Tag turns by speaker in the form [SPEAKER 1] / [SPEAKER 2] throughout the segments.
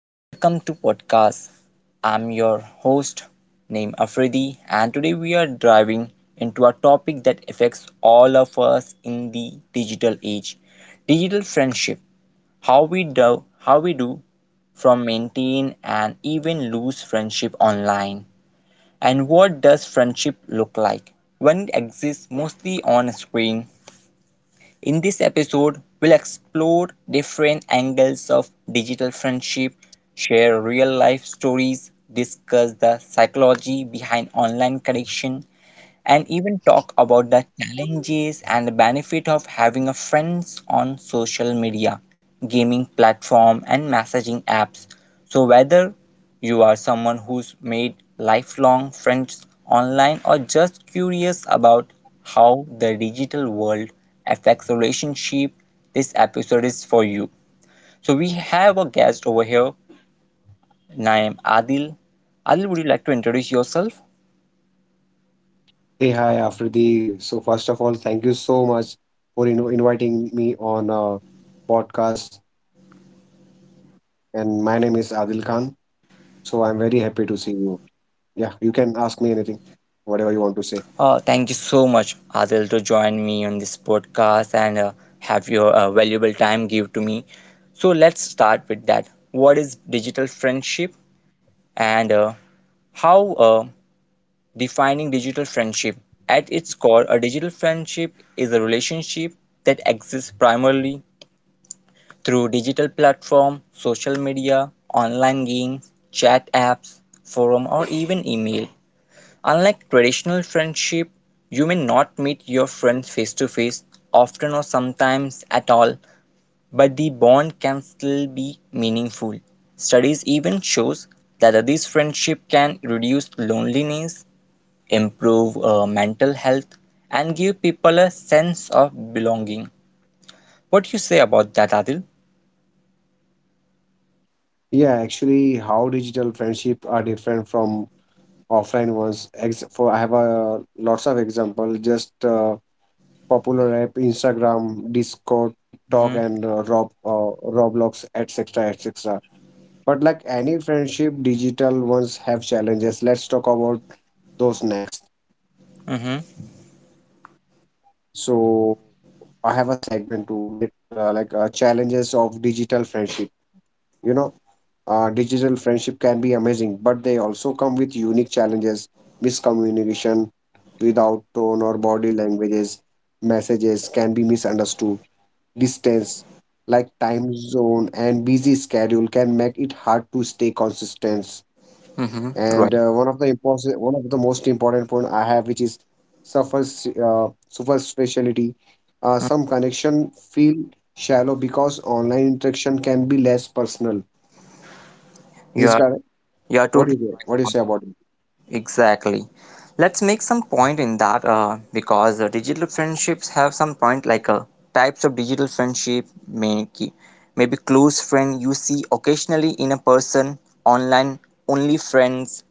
[SPEAKER 1] and welcome to podcast. I'm your host named Afridi, and today we are diving into a topic that affects all of us in the digital age. Digital friendship. How we do how we do from maintain and even lose friendship online. And what does friendship look like when it exists mostly on a screen? In this episode, we'll explore different angles of digital friendship, share real life stories, discuss the psychology behind online connection, and even talk about the challenges and the benefit of having a friends on social media, gaming platform and messaging apps. So whether you are someone who's made lifelong friends online or just curious about how the digital world affects relationship. This episode is for you. So we have a guest over here named Adil. Adil, would you like to introduce yourself?
[SPEAKER 2] Hey, hi, Afridi. So first of all, thank you so much for inviting me on a podcast. And my name is Adil Khan. So I'm very happy to see you. Yeah, you can ask me anything, whatever you want to
[SPEAKER 1] Uh,
[SPEAKER 2] say.
[SPEAKER 1] thank you so much, Adil, to join me on this podcast and have your valuable time give to me. So let's start with that. What is digital friendship and how defining digital friendship. At its core, a digital friendship is a relationship that exists primarily through digital platforms, social media, online games, chat apps, forum, or even email. Unlike traditional friendship, you may not meet your friends face to face, often or sometimes at all, but the bond can still be meaningful. Studies even shows that this friendship can reduce loneliness improve mental health, and give people a sense of belonging. What do you say about that, Adil?
[SPEAKER 2] Yeah, actually, how digital friendship are different from offline ones. Ex for I have a lots of example. Just popular app, Instagram, Discord, TikTok,
[SPEAKER 1] Mm-hmm.
[SPEAKER 2] and Roblox, etc., etc. But like any friendship, digital ones have challenges. Let's talk about those next.
[SPEAKER 1] Mm-hmm.
[SPEAKER 2] So I have a segment to like challenges of digital friendship. You know, digital friendship can be amazing, but they also come with unique challenges: miscommunication without tone or body languages, messages can be misunderstood, distance like time zone and busy schedule can make it hard to stay consistent.
[SPEAKER 1] Mm-hmm.
[SPEAKER 2] And
[SPEAKER 1] Right.
[SPEAKER 2] one of the one of the most important point I have, which is suffer superficiality. Some connection feel shallow because online interaction can be less personal. This
[SPEAKER 1] You
[SPEAKER 2] is
[SPEAKER 1] are
[SPEAKER 2] correct.
[SPEAKER 1] you are
[SPEAKER 2] What do you
[SPEAKER 1] totally
[SPEAKER 2] say? What do you
[SPEAKER 1] right.
[SPEAKER 2] say about it?
[SPEAKER 1] Exactly. Let's make some point in that because digital friendships have some point like types of digital friendship, maybe close friend you see occasionally in a person, online only friends,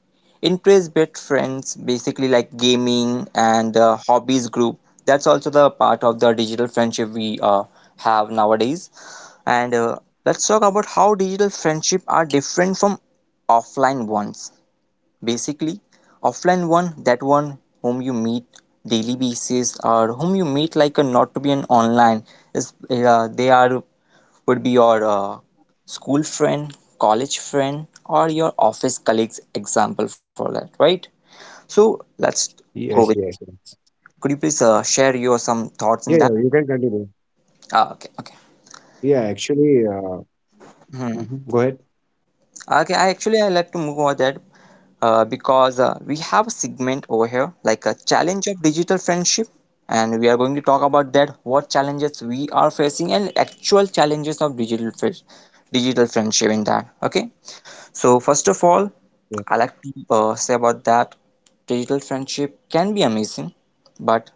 [SPEAKER 1] interest-based friends, basically like gaming and hobbies group. That's also the part of the digital friendship we have nowadays. And let's talk about how digital friendship are different from offline ones. Basically offline one, that one whom you meet daily basis or whom you meet like a not to be an online is they are would be your school friend, college friend or your office colleagues, example for that, right? So let's go with,
[SPEAKER 2] Yes, yes, yes.
[SPEAKER 1] could you please share your some thoughts in
[SPEAKER 2] Yeah,
[SPEAKER 1] that?
[SPEAKER 2] yeah, you can continue.
[SPEAKER 1] Okay.
[SPEAKER 2] Yeah, actually, mhm, go ahead.
[SPEAKER 1] Okay, I actually I like to move over that because we have a segment over here like a challenge of digital friendship, and we are going to talk about that what challenges we are facing and actual challenges of digital friendship in that. Okay, so first of all,
[SPEAKER 2] Yeah.
[SPEAKER 1] I like to say about that digital friendship can be amazing, but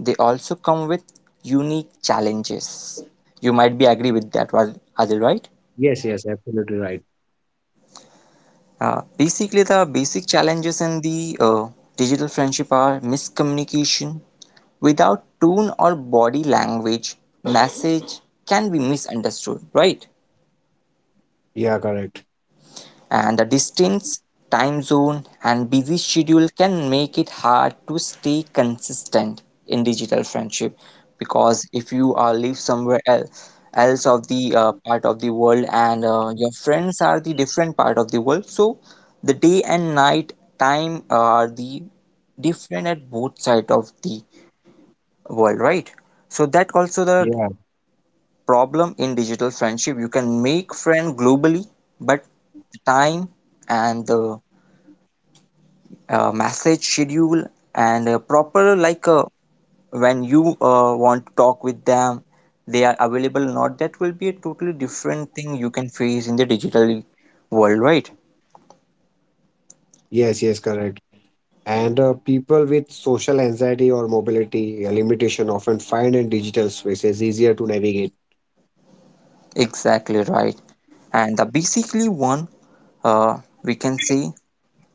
[SPEAKER 1] they also come with unique challenges. You might be agree with that, Adil, right?
[SPEAKER 2] Yes, yes, absolutely right.
[SPEAKER 1] Basically, the basic challenges in the digital friendship are miscommunication. Without tone or body language, message can be misunderstood, right?
[SPEAKER 2] Yeah, correct.
[SPEAKER 1] And the distance, time zone, and busy schedule can make it hard to stay consistent in digital friendship, because if you live somewhere else else of the part of the world and your friends are the different part of the world, so the day and night time are the different at both sides of the world, right? So that also the
[SPEAKER 2] Yeah,
[SPEAKER 1] problem in digital friendship. You can make friend globally, but the time and the message schedule and proper when you want to talk with them, they are available or not, that will be a totally different thing you can face in the digital world, right?
[SPEAKER 2] yes, yes, correct. And people with social anxiety or mobility limitation often find in digital spaces easier to navigate.
[SPEAKER 1] Exactly right. And the basically one, uh, we can say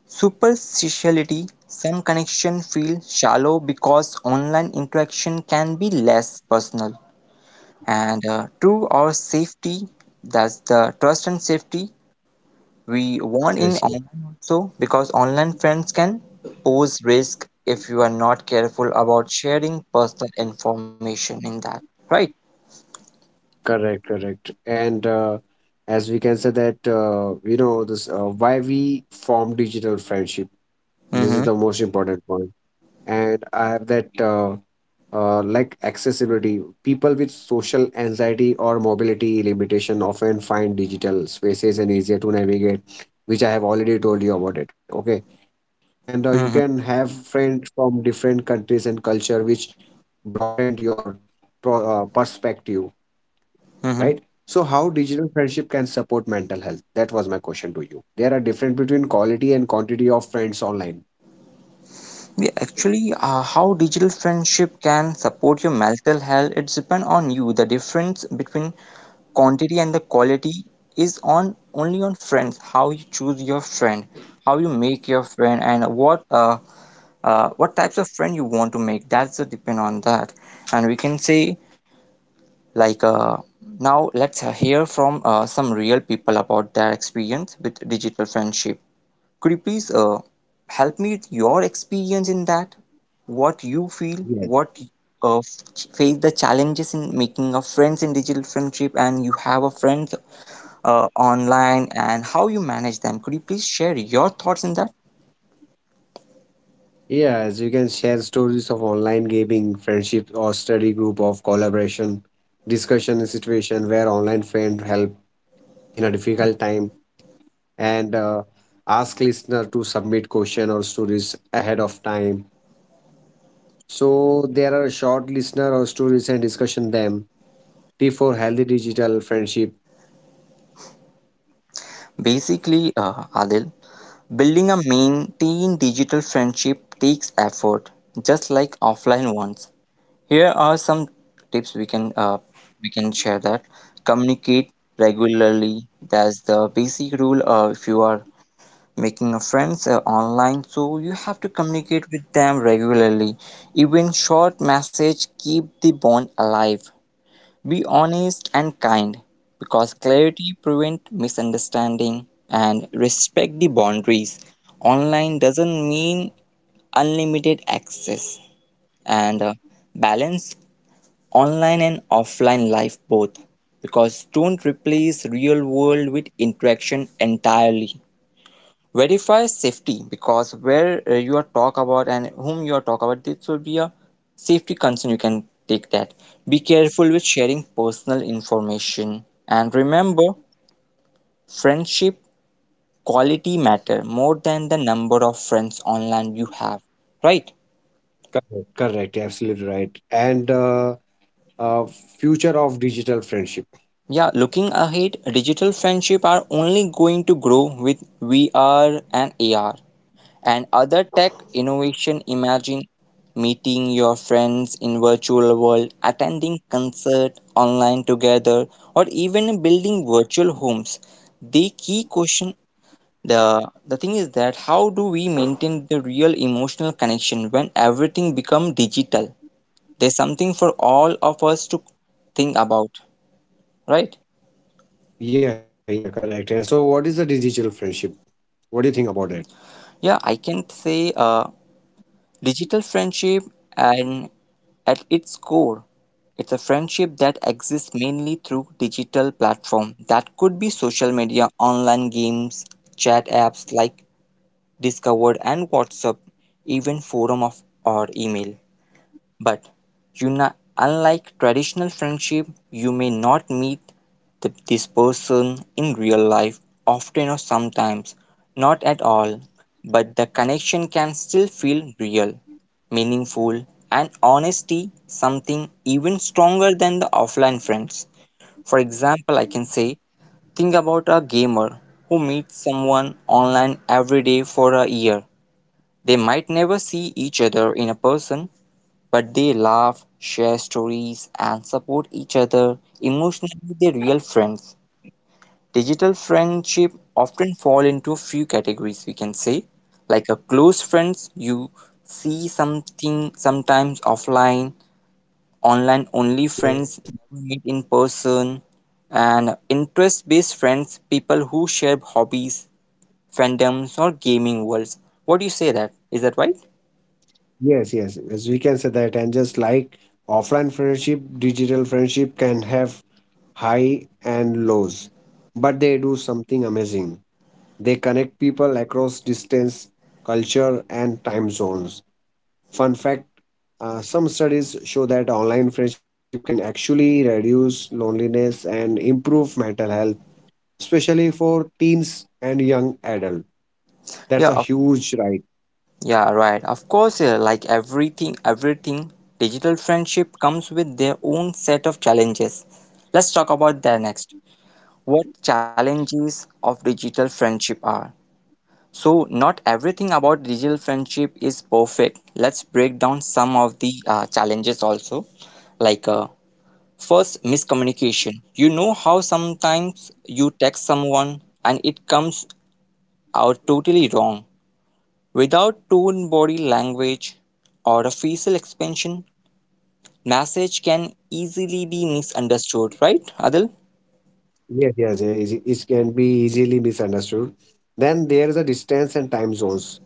[SPEAKER 1] superficiality, some connection feel shallow because online interaction can be less personal. And true or safety, that's the trust and safety. We warn in
[SPEAKER 2] Yes, yes.
[SPEAKER 1] online also because online friends can pose risk if you are not careful about sharing personal information in that, right?
[SPEAKER 2] Correct, correct. And as we can say that, you know, this why we form digital friendship. This is
[SPEAKER 1] Mm-hmm.
[SPEAKER 2] the most important point. And I have that like accessibility. People with social anxiety or mobility limitation often find digital spaces and easier to navigate, which I have already told you about it. Okay, and you can
[SPEAKER 1] Mm-hmm.
[SPEAKER 2] have friends from different countries and culture, which broadened your perspective, right?
[SPEAKER 1] Mm-hmm.
[SPEAKER 2] So, how digital friendship can support mental health? That was my question to you. There are difference between quality and quantity of friends online.
[SPEAKER 1] How digital friendship can support your mental health, it depends on you. The difference between quantity and the quality is on only on friends. How you choose your friend, how you make your friend, and what types of friend you want to make, that's a depend on that. And we can say like uh, now let's hear from some real people about their experience with digital friendship. Could you please help me with your experience in that, what you feel,
[SPEAKER 2] Yes.
[SPEAKER 1] what uh, face the challenges in making a friends in digital friendship, and you have a friend online, and how you manage them? Could you please share your thoughts in that?
[SPEAKER 2] Yeah, as you can share stories of online gaming, friendship, or study group of collaboration, discussion in situation where online friend help in a difficult time, and ask listener to submit question or stories ahead of time. So there are short listener or stories and discussion them. T for healthy digital friendship.
[SPEAKER 1] Basically adil, building a maintained digital friendship takes effort, just like offline ones. Here are some tips we can share that. Communicate regularly. That's the basic rule. If you are making a friends online, so you have to communicate with them regularly. Even short message keep the bond alive. Be honest and kind because clarity prevents misunderstanding, and respect the boundaries. Online doesn't mean unlimited access. And balance online and offline life both, because don't replace real world with interaction entirely. Verify safety, because where you are talk about and whom you are talk about, this will be a safety concern you can take that. Be careful with sharing personal information, and remember, friendship quality matter more than the number of friends online you have, right?
[SPEAKER 2] Correct, correct, absolutely right. And uh, future of digital friendship.
[SPEAKER 1] Yeah, looking ahead, digital friendship are only going to grow with VR and AR and other tech innovation. Imagine meeting your friends in virtual world, attending concert online together, or even building virtual homes. The key question, the thing is that, how do we maintain the real emotional connection when everything become digital? There's something for all of us to think about, right?
[SPEAKER 2] Yeah, yeah, correct. And so, what is the digital friendship? What do you think about it?
[SPEAKER 1] Yeah, I can say digital friendship, and at its core, it's a friendship that exists mainly through digital platform. That could be social media, online games, chat apps like Discord and WhatsApp, even forum of or email. But you know, unlike traditional friendship, you may not meet this person in real life often or sometimes not at all, but the connection can still feel real, meaningful, and honesty something even stronger than the offline friends. For example, I can say, think about a gamer who meets someone online every day for a year. They might never see each other in a person, but they laugh, share stories, and support each other. Emotionally, they're real friends. Digital friendship often fall into a few categories we can say, like a close friends you see something sometimes offline, online only
[SPEAKER 2] Yes, yes,
[SPEAKER 1] friends never meet in person, and interest-based friends people who share hobbies, fandoms, or gaming worlds. What do you say that? Is that right?
[SPEAKER 2] yes, yes. As we can say that, and just like offline friendship, digital friendship can have high and lows, but they do something amazing. They connect people across distance, culture, and time zones. Fun fact, some studies show that online friendship can actually reduce loneliness and improve mental health, especially for teens and young adults. That's a
[SPEAKER 1] Yeah,
[SPEAKER 2] huge rise.
[SPEAKER 1] yeah, right. Of course, like everything, digital friendship comes with their own set of challenges. Let's talk about that next. What challenges of digital friendship are? So, not everything about digital friendship is perfect. Let's break down some of the challenges also. Like, uh, first, miscommunication. You know how sometimes you text someone and it comes out totally wrong. Without tone body language or a facial expansion, message can easily be misunderstood, right, Adil?
[SPEAKER 2] Yes, yes, yes, it can be easily misunderstood. Then there is a distance and time zones.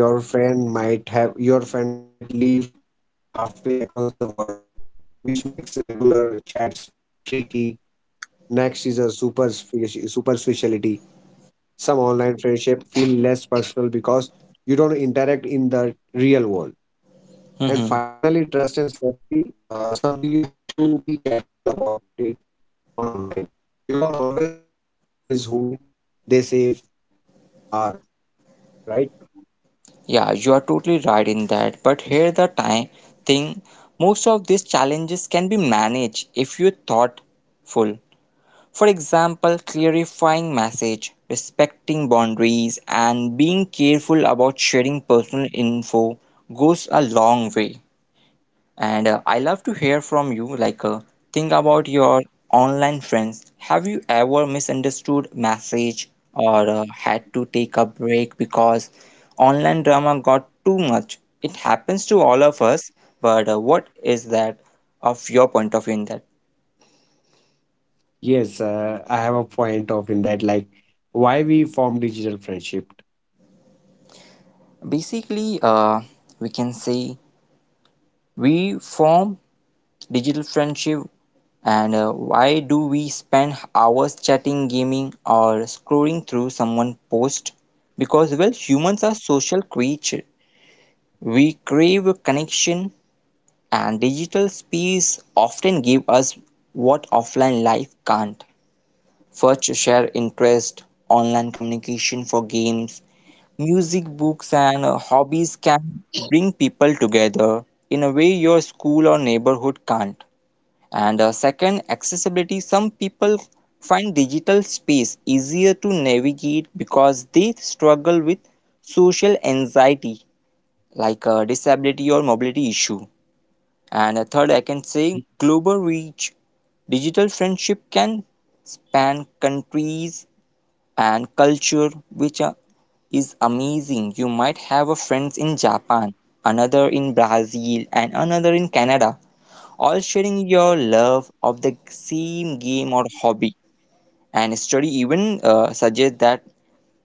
[SPEAKER 2] Your friend might live halfway across the world, which makes regular chats tricky. Next is a superficiality. Some online friendship feel less personal because you don't interact in the real world. And
[SPEAKER 1] Hmm.
[SPEAKER 2] finally, trust and safety, something you have to be careful about it on online. You can't always know if someone is who they say are, right.
[SPEAKER 1] Yeah, you are totally right in that. But here the time thing, most of these challenges can be managed if you are thoughtful. For example, clarifying message, respecting boundaries, and being careful about sharing personal info goes a long way. And I love to hear from you. Think about your online friends. Have you ever misunderstood message or had to take a break because online drama got too much? It happens to all of us, but what is that of your point of view in that?
[SPEAKER 2] Yes, I have a point of in that, like why we form digital friendship.
[SPEAKER 1] Basically, we can say we form digital friendship. And why do we spend hours chatting, gaming, or scrolling through someone's post? Because well, humans are social creatures, we crave a connection, and digital space often give us what offline life can't. First, share interest. Online communication for games, music, books and hobbies can bring people together in a way your school or neighborhood can't. And second, accessibility. Some people find digital space easier to navigate because they struggle with social anxiety, disability or mobility issue. And third, I can say global reach. Digital friendship can span countries and culture, which are- is amazing. You might have a friend in Japan, another in Brazil, and another in Canada, all sharing your love of the same game or hobby. And study even suggests that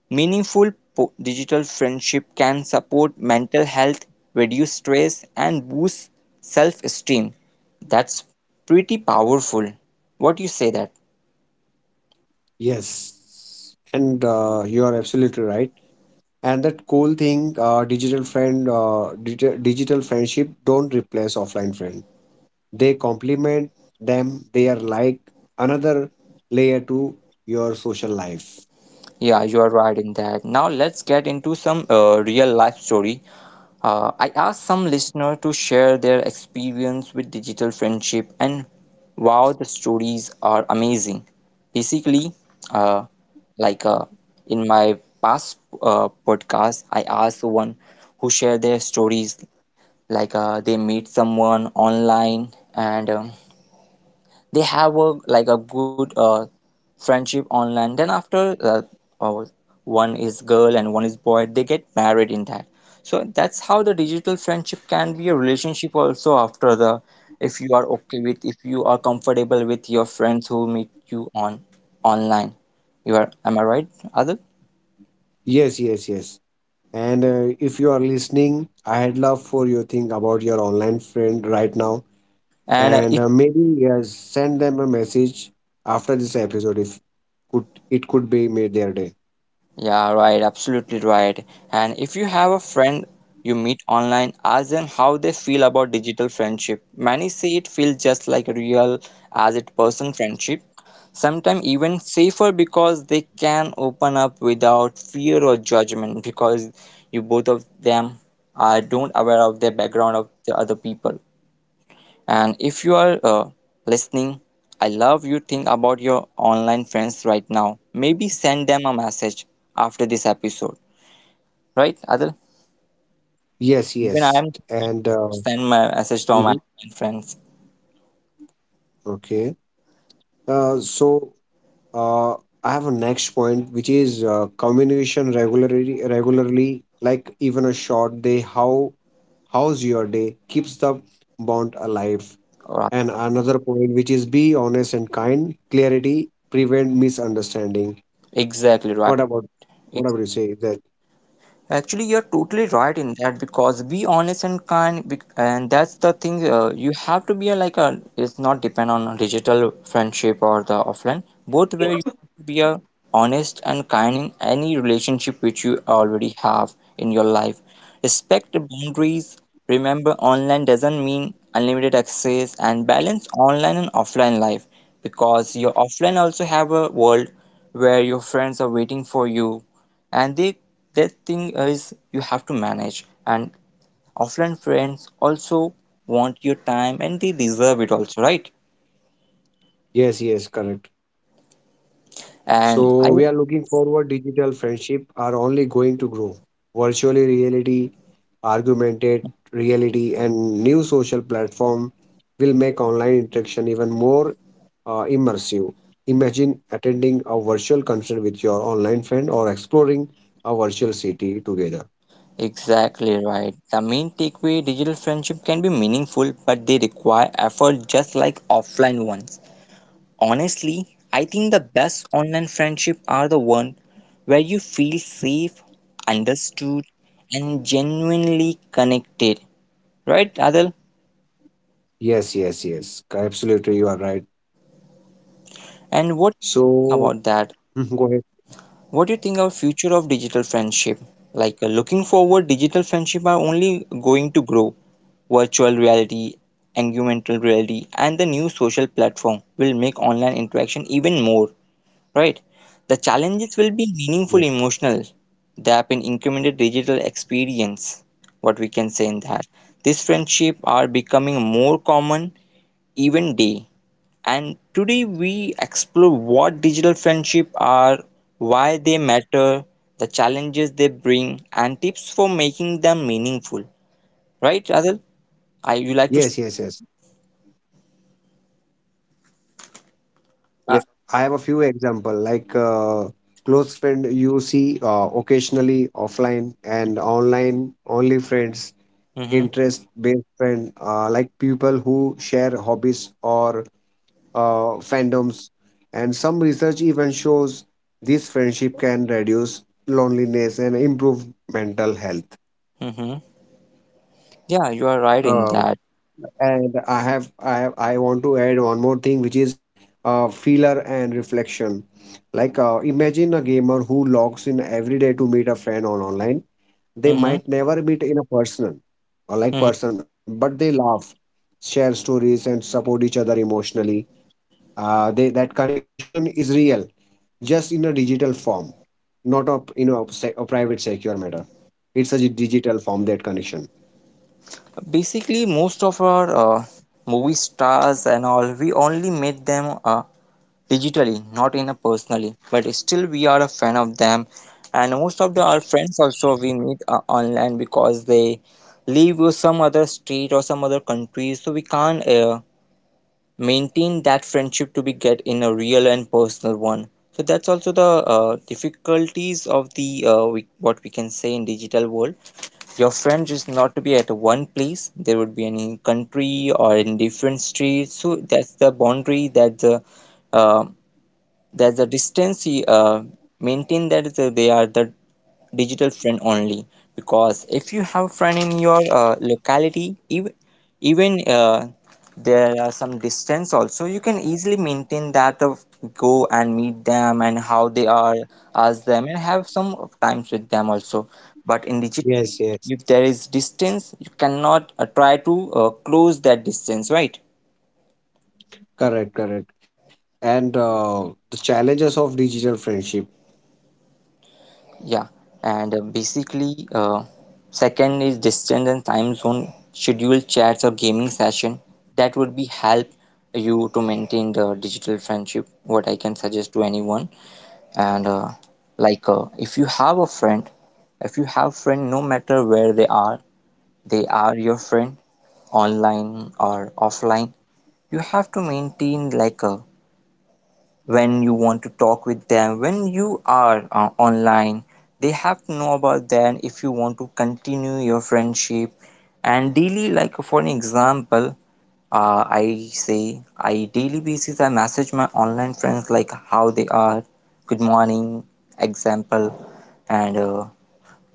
[SPEAKER 1] digital friendship can support mental health, reduce stress, and boost self-esteem. That's pretty powerful. What do you say that?
[SPEAKER 2] Yes, and you are absolutely right. And that cool thing, digital friendship don't replace offline friend. They complement them. They are like another layer to your social life.
[SPEAKER 1] Yeah, you are right in that. Now let's get into some real life story. I asked some listener to share their experience with digital friendship, and wow, the stories are amazing. Basically, uh, like uh, in my past podcast, I asked one who shared their stories, they meet someone online, and they have a like a good friendship online, then after uh, one is girl and one is boy, they get married in that. So that's how the digital friendship can be a relationship also, after the, if you are okay with, if you are comfortable with your friends who meet you on online, you are, am I right, Adil?
[SPEAKER 2] Yes, yes, yes. And if you are listening, I had love for your thing about your online friend right now.
[SPEAKER 1] And
[SPEAKER 2] And maybe send them a message after this episode. If could it could be made their day.
[SPEAKER 1] Yeah, right, absolutely right. And if you have a friend you meet online, ask them how they feel about digital friendship. Many say it feels just like real as it person friendship, sometimes even safer because they can open up without fear or judgment, because you, both of them, are don't aware of the background of the other people. And if you are listening, I love you think about your online friends right now. Maybe send them a message after this episode, right, Adil?
[SPEAKER 2] Yes, yes,
[SPEAKER 1] Even I am
[SPEAKER 2] and
[SPEAKER 1] send my message to
[SPEAKER 2] mhm,
[SPEAKER 1] all my friends.
[SPEAKER 2] okay. Uh, so uh, I have a next point, which is communication regularly, like even a short day. How's your day keeps the bond alive.
[SPEAKER 1] All right.
[SPEAKER 2] And another point, which is be honest and kind. Clarity prevent misunderstanding.
[SPEAKER 1] Exactly right.
[SPEAKER 2] What about what about you say that?
[SPEAKER 1] Actually, you're totally right in that, because be honest and kind, bec- and that's the thing. You have to be a, like a. It's not depend on a digital friendship or the offline. Both way, you have to be a honest and kind in any relationship which you already have in your life. Respect the boundaries. Remember, online doesn't mean unlimited access, and balance online and offline life, because your offline also have a world where your friends are waiting for you, and the that thing is, you have to manage, and offline friends also want your time and they deserve it also, right?
[SPEAKER 2] Yes, yes, correct.
[SPEAKER 1] And
[SPEAKER 2] So
[SPEAKER 1] I,
[SPEAKER 2] we are looking forward, digital friendship are only going to grow. Virtually reality, augmented reality and new social platform will make online interaction even more immersive. Imagine attending a virtual concert with your online friend or exploring a virtual city together.
[SPEAKER 1] exactly right, the main takeaway, digital friendship can be meaningful, but they require effort just like offline ones. Honestly, I think the best online friendship are the one where you feel safe, understood, and genuinely connected, right, Adil?
[SPEAKER 2] Yes, yes, yes. Absolutely, you are right.
[SPEAKER 1] And what
[SPEAKER 2] So
[SPEAKER 1] about that?
[SPEAKER 2] go ahead.
[SPEAKER 1] What do you think our future of digital friendship? Looking forward, digital friendship are only going to grow. Virtual reality, augmented reality, and the new social platform will make online interaction even more, right? The challenges will be
[SPEAKER 2] Yes,
[SPEAKER 1] meaningful emotional. They have been incremented digital experience, what we can say in that. These friendship are becoming more common Event Day, and today we explore what digital friendships are, why they matter, the challenges they bring, and tips for making them meaningful. Right, Adil? I you like to?
[SPEAKER 2] yes, yes, yes. I
[SPEAKER 1] Yes.
[SPEAKER 2] I have a few example, like close friend you see occasionally offline and online only friends,
[SPEAKER 1] Mm-hmm.
[SPEAKER 2] interest based friend, like people who share hobbies or fandoms, and some research even shows this friendship can reduce loneliness and improve mental health.
[SPEAKER 1] Mm-hmm. Yeah, you are right in
[SPEAKER 2] Uh,
[SPEAKER 1] that.
[SPEAKER 2] And I want to add one more thing, which is feeler and reflection. Like imagine a gamer who logs in every day to meet a friend on online. They
[SPEAKER 1] Mm-hmm.
[SPEAKER 2] might never meet in a person or like
[SPEAKER 1] Mm-hmm.
[SPEAKER 2] person, but they laugh, share stories, and support each other emotionally. They that connection is real, just in a digital form, not a you know a, a private secure matter. It's a digital form that connection.
[SPEAKER 1] Basically, most of our movie stars and all, we only met them. Digitally, not in a personally, but still we are a fan of them. And most of the, our friends also we meet online, because they live with some other state or some other country, so we can't maintain that friendship to be get in a real and personal one. So that's also the difficulties of the we, what we can say in digital world. Your friend is not to be at one place. There would be any country or in different streets. So that's the boundary that the uh, there's a distance you, maintain that they are the digital friend only, because if you have a friend in your locality, even even uh, there are some distance also, you can easily maintain that of go and meet them and how they are, ask them, and have some of times with them also. But in digital,
[SPEAKER 2] Yes, yes.
[SPEAKER 1] if there is distance, you cannot try to close that distance, right?
[SPEAKER 2] Correct, correct. And the challenges of digital friendship.
[SPEAKER 1] Yeah, and basically, second is distance and time zone, scheduled chats or gaming session. That would be help you to maintain the digital friendship. What I can suggest to anyone, and if you have a friend, if you have friend, no matter where they are your friend online or offline. You have to maintain like a, when you want to talk with them, when you are online, they have to know about that if you want to continue your friendship. And daily, like for an example, I say I daily basis I message my online friends like how they are, good morning, example. And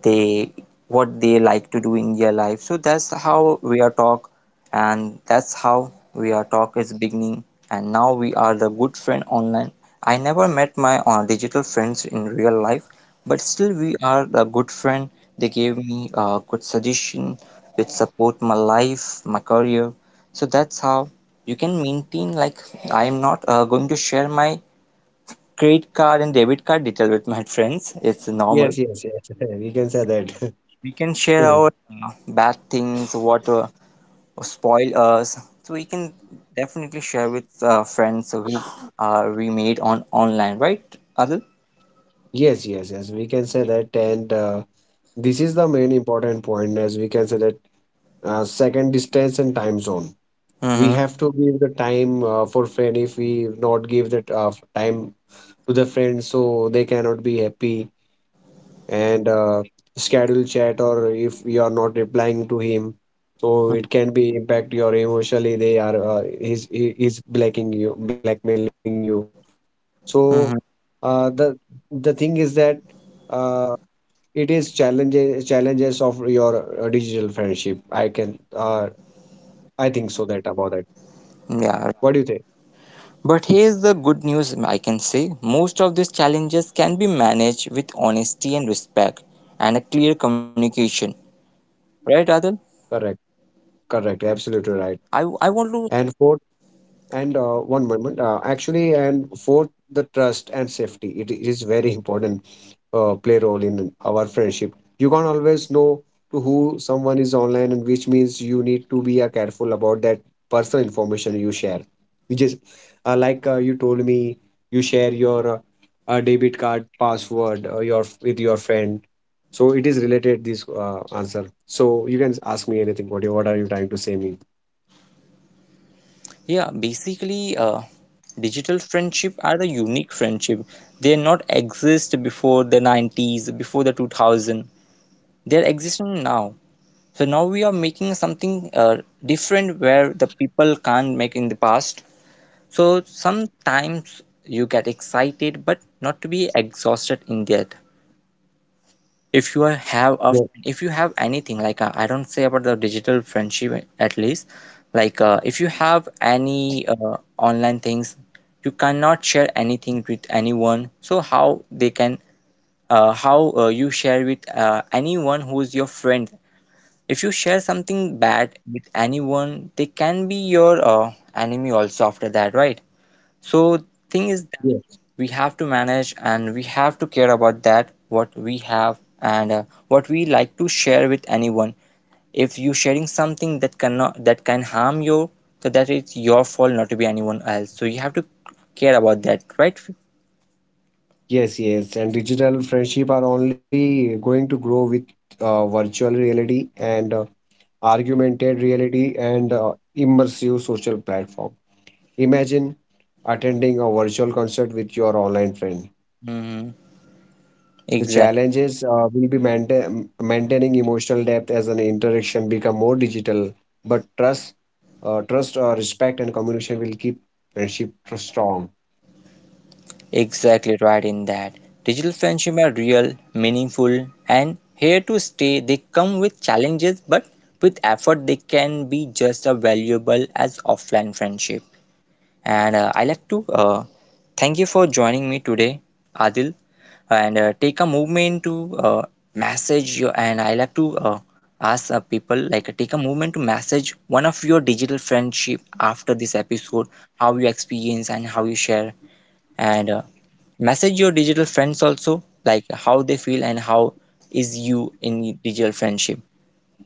[SPEAKER 1] they what they like to do in their life, so that's how we are talk, and that's how we are talk is beginning, and now we are the good friend online. I never met my digital friends in real life, but still we are the good friend. They gave me a good suggestion which support my life, my career. So that's how you can maintain. Like, I am not going to share my credit card and debit card detail with my friends, it's normal.
[SPEAKER 2] Yes, yes, yes. We can say
[SPEAKER 1] We
[SPEAKER 2] that.
[SPEAKER 1] can share our bad things what spoil us, so we can definitely share with friends who we made on online, right, Adil?
[SPEAKER 2] Yes, yes, yes. We can say that. And this is the main important point, as we can say that second distance and time zone.
[SPEAKER 1] Mm-hmm.
[SPEAKER 2] We have to give the time for friend. If we not give that time to the friend, so they cannot be happy. And schedule chat, or if you are not replying to him, so it can be impact your emotionally. They are he's blacking you blackmailing you. So
[SPEAKER 1] Mm-hmm.
[SPEAKER 2] the the thing is that uh, it is challenges of your digital friendship. I can I think so that about that.
[SPEAKER 1] Yeah, right.
[SPEAKER 2] What do you think?
[SPEAKER 1] But here's the good news, I can say, most of these challenges can be managed with honesty and respect and a clear communication, right, Adil?
[SPEAKER 2] Correct, correct, absolutely right.
[SPEAKER 1] I want to.
[SPEAKER 2] And fourth. And one moment, and fourth, the trust and safety. It is very important play role in our friendship. You can't always know to who someone is online, and which means you need to be careful about that personal information you share. Which is like you told me, you share your debit card password your with your friend. So it is related this answer. So you can ask me anything. What are you trying to say me?
[SPEAKER 1] Yeah, basically, digital friendship are the unique friendship. They not exist before the 90s, before the 2000. They're existing now. So now we are making something different, where the people can't make in the past. So sometimes you get excited, but not to be exhausted in that. If you are- have a, if you have anything like, I don't say about the digital friendship at least, if you have any online things, you cannot share anything with anyone, so how they can how you share with anyone who is your friend. If you share something bad with anyone, they can be your enemy also after that, right? So thing is,
[SPEAKER 2] Yeah.
[SPEAKER 1] we have to manage and we have to care about that, what we have and what we like to share with anyone. If you sharing something that cannot, that can harm you, so that it's your fault, not to be anyone else, so you have to care about that, right?
[SPEAKER 2] Yes, yes, and digital friendship are only going to grow with virtual reality and augmented reality and immersive social platform. Imagine attending a virtual concert with your online friend.
[SPEAKER 1] Mm-hmm.
[SPEAKER 2] The
[SPEAKER 1] Exactly.
[SPEAKER 2] challenges will be maintaining emotional depth as an interaction become more digital, but trust, respect, and communication will keep friendship strong.
[SPEAKER 1] Exactly right in that. Digital friendship are real, meaningful, and here to stay. They come with challenges, but with effort they can be just as valuable as offline friendship. And I like to thank you for joining me today, Adil, and take a movement to message you. And I like to ask people, like, take a moment to message one of your digital friendship after this episode, how you experience and how you share, and message your digital friends also, like how they feel and how is you in digital friendship.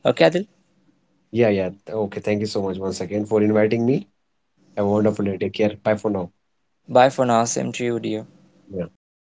[SPEAKER 1] Okay, Adil.
[SPEAKER 2] Yeah, yeah. Okay, thank you so much once again for inviting me. Have a wonderful day. Take care. Bye for now.
[SPEAKER 1] Bye for now. Same to you, dear.
[SPEAKER 2] Yeah.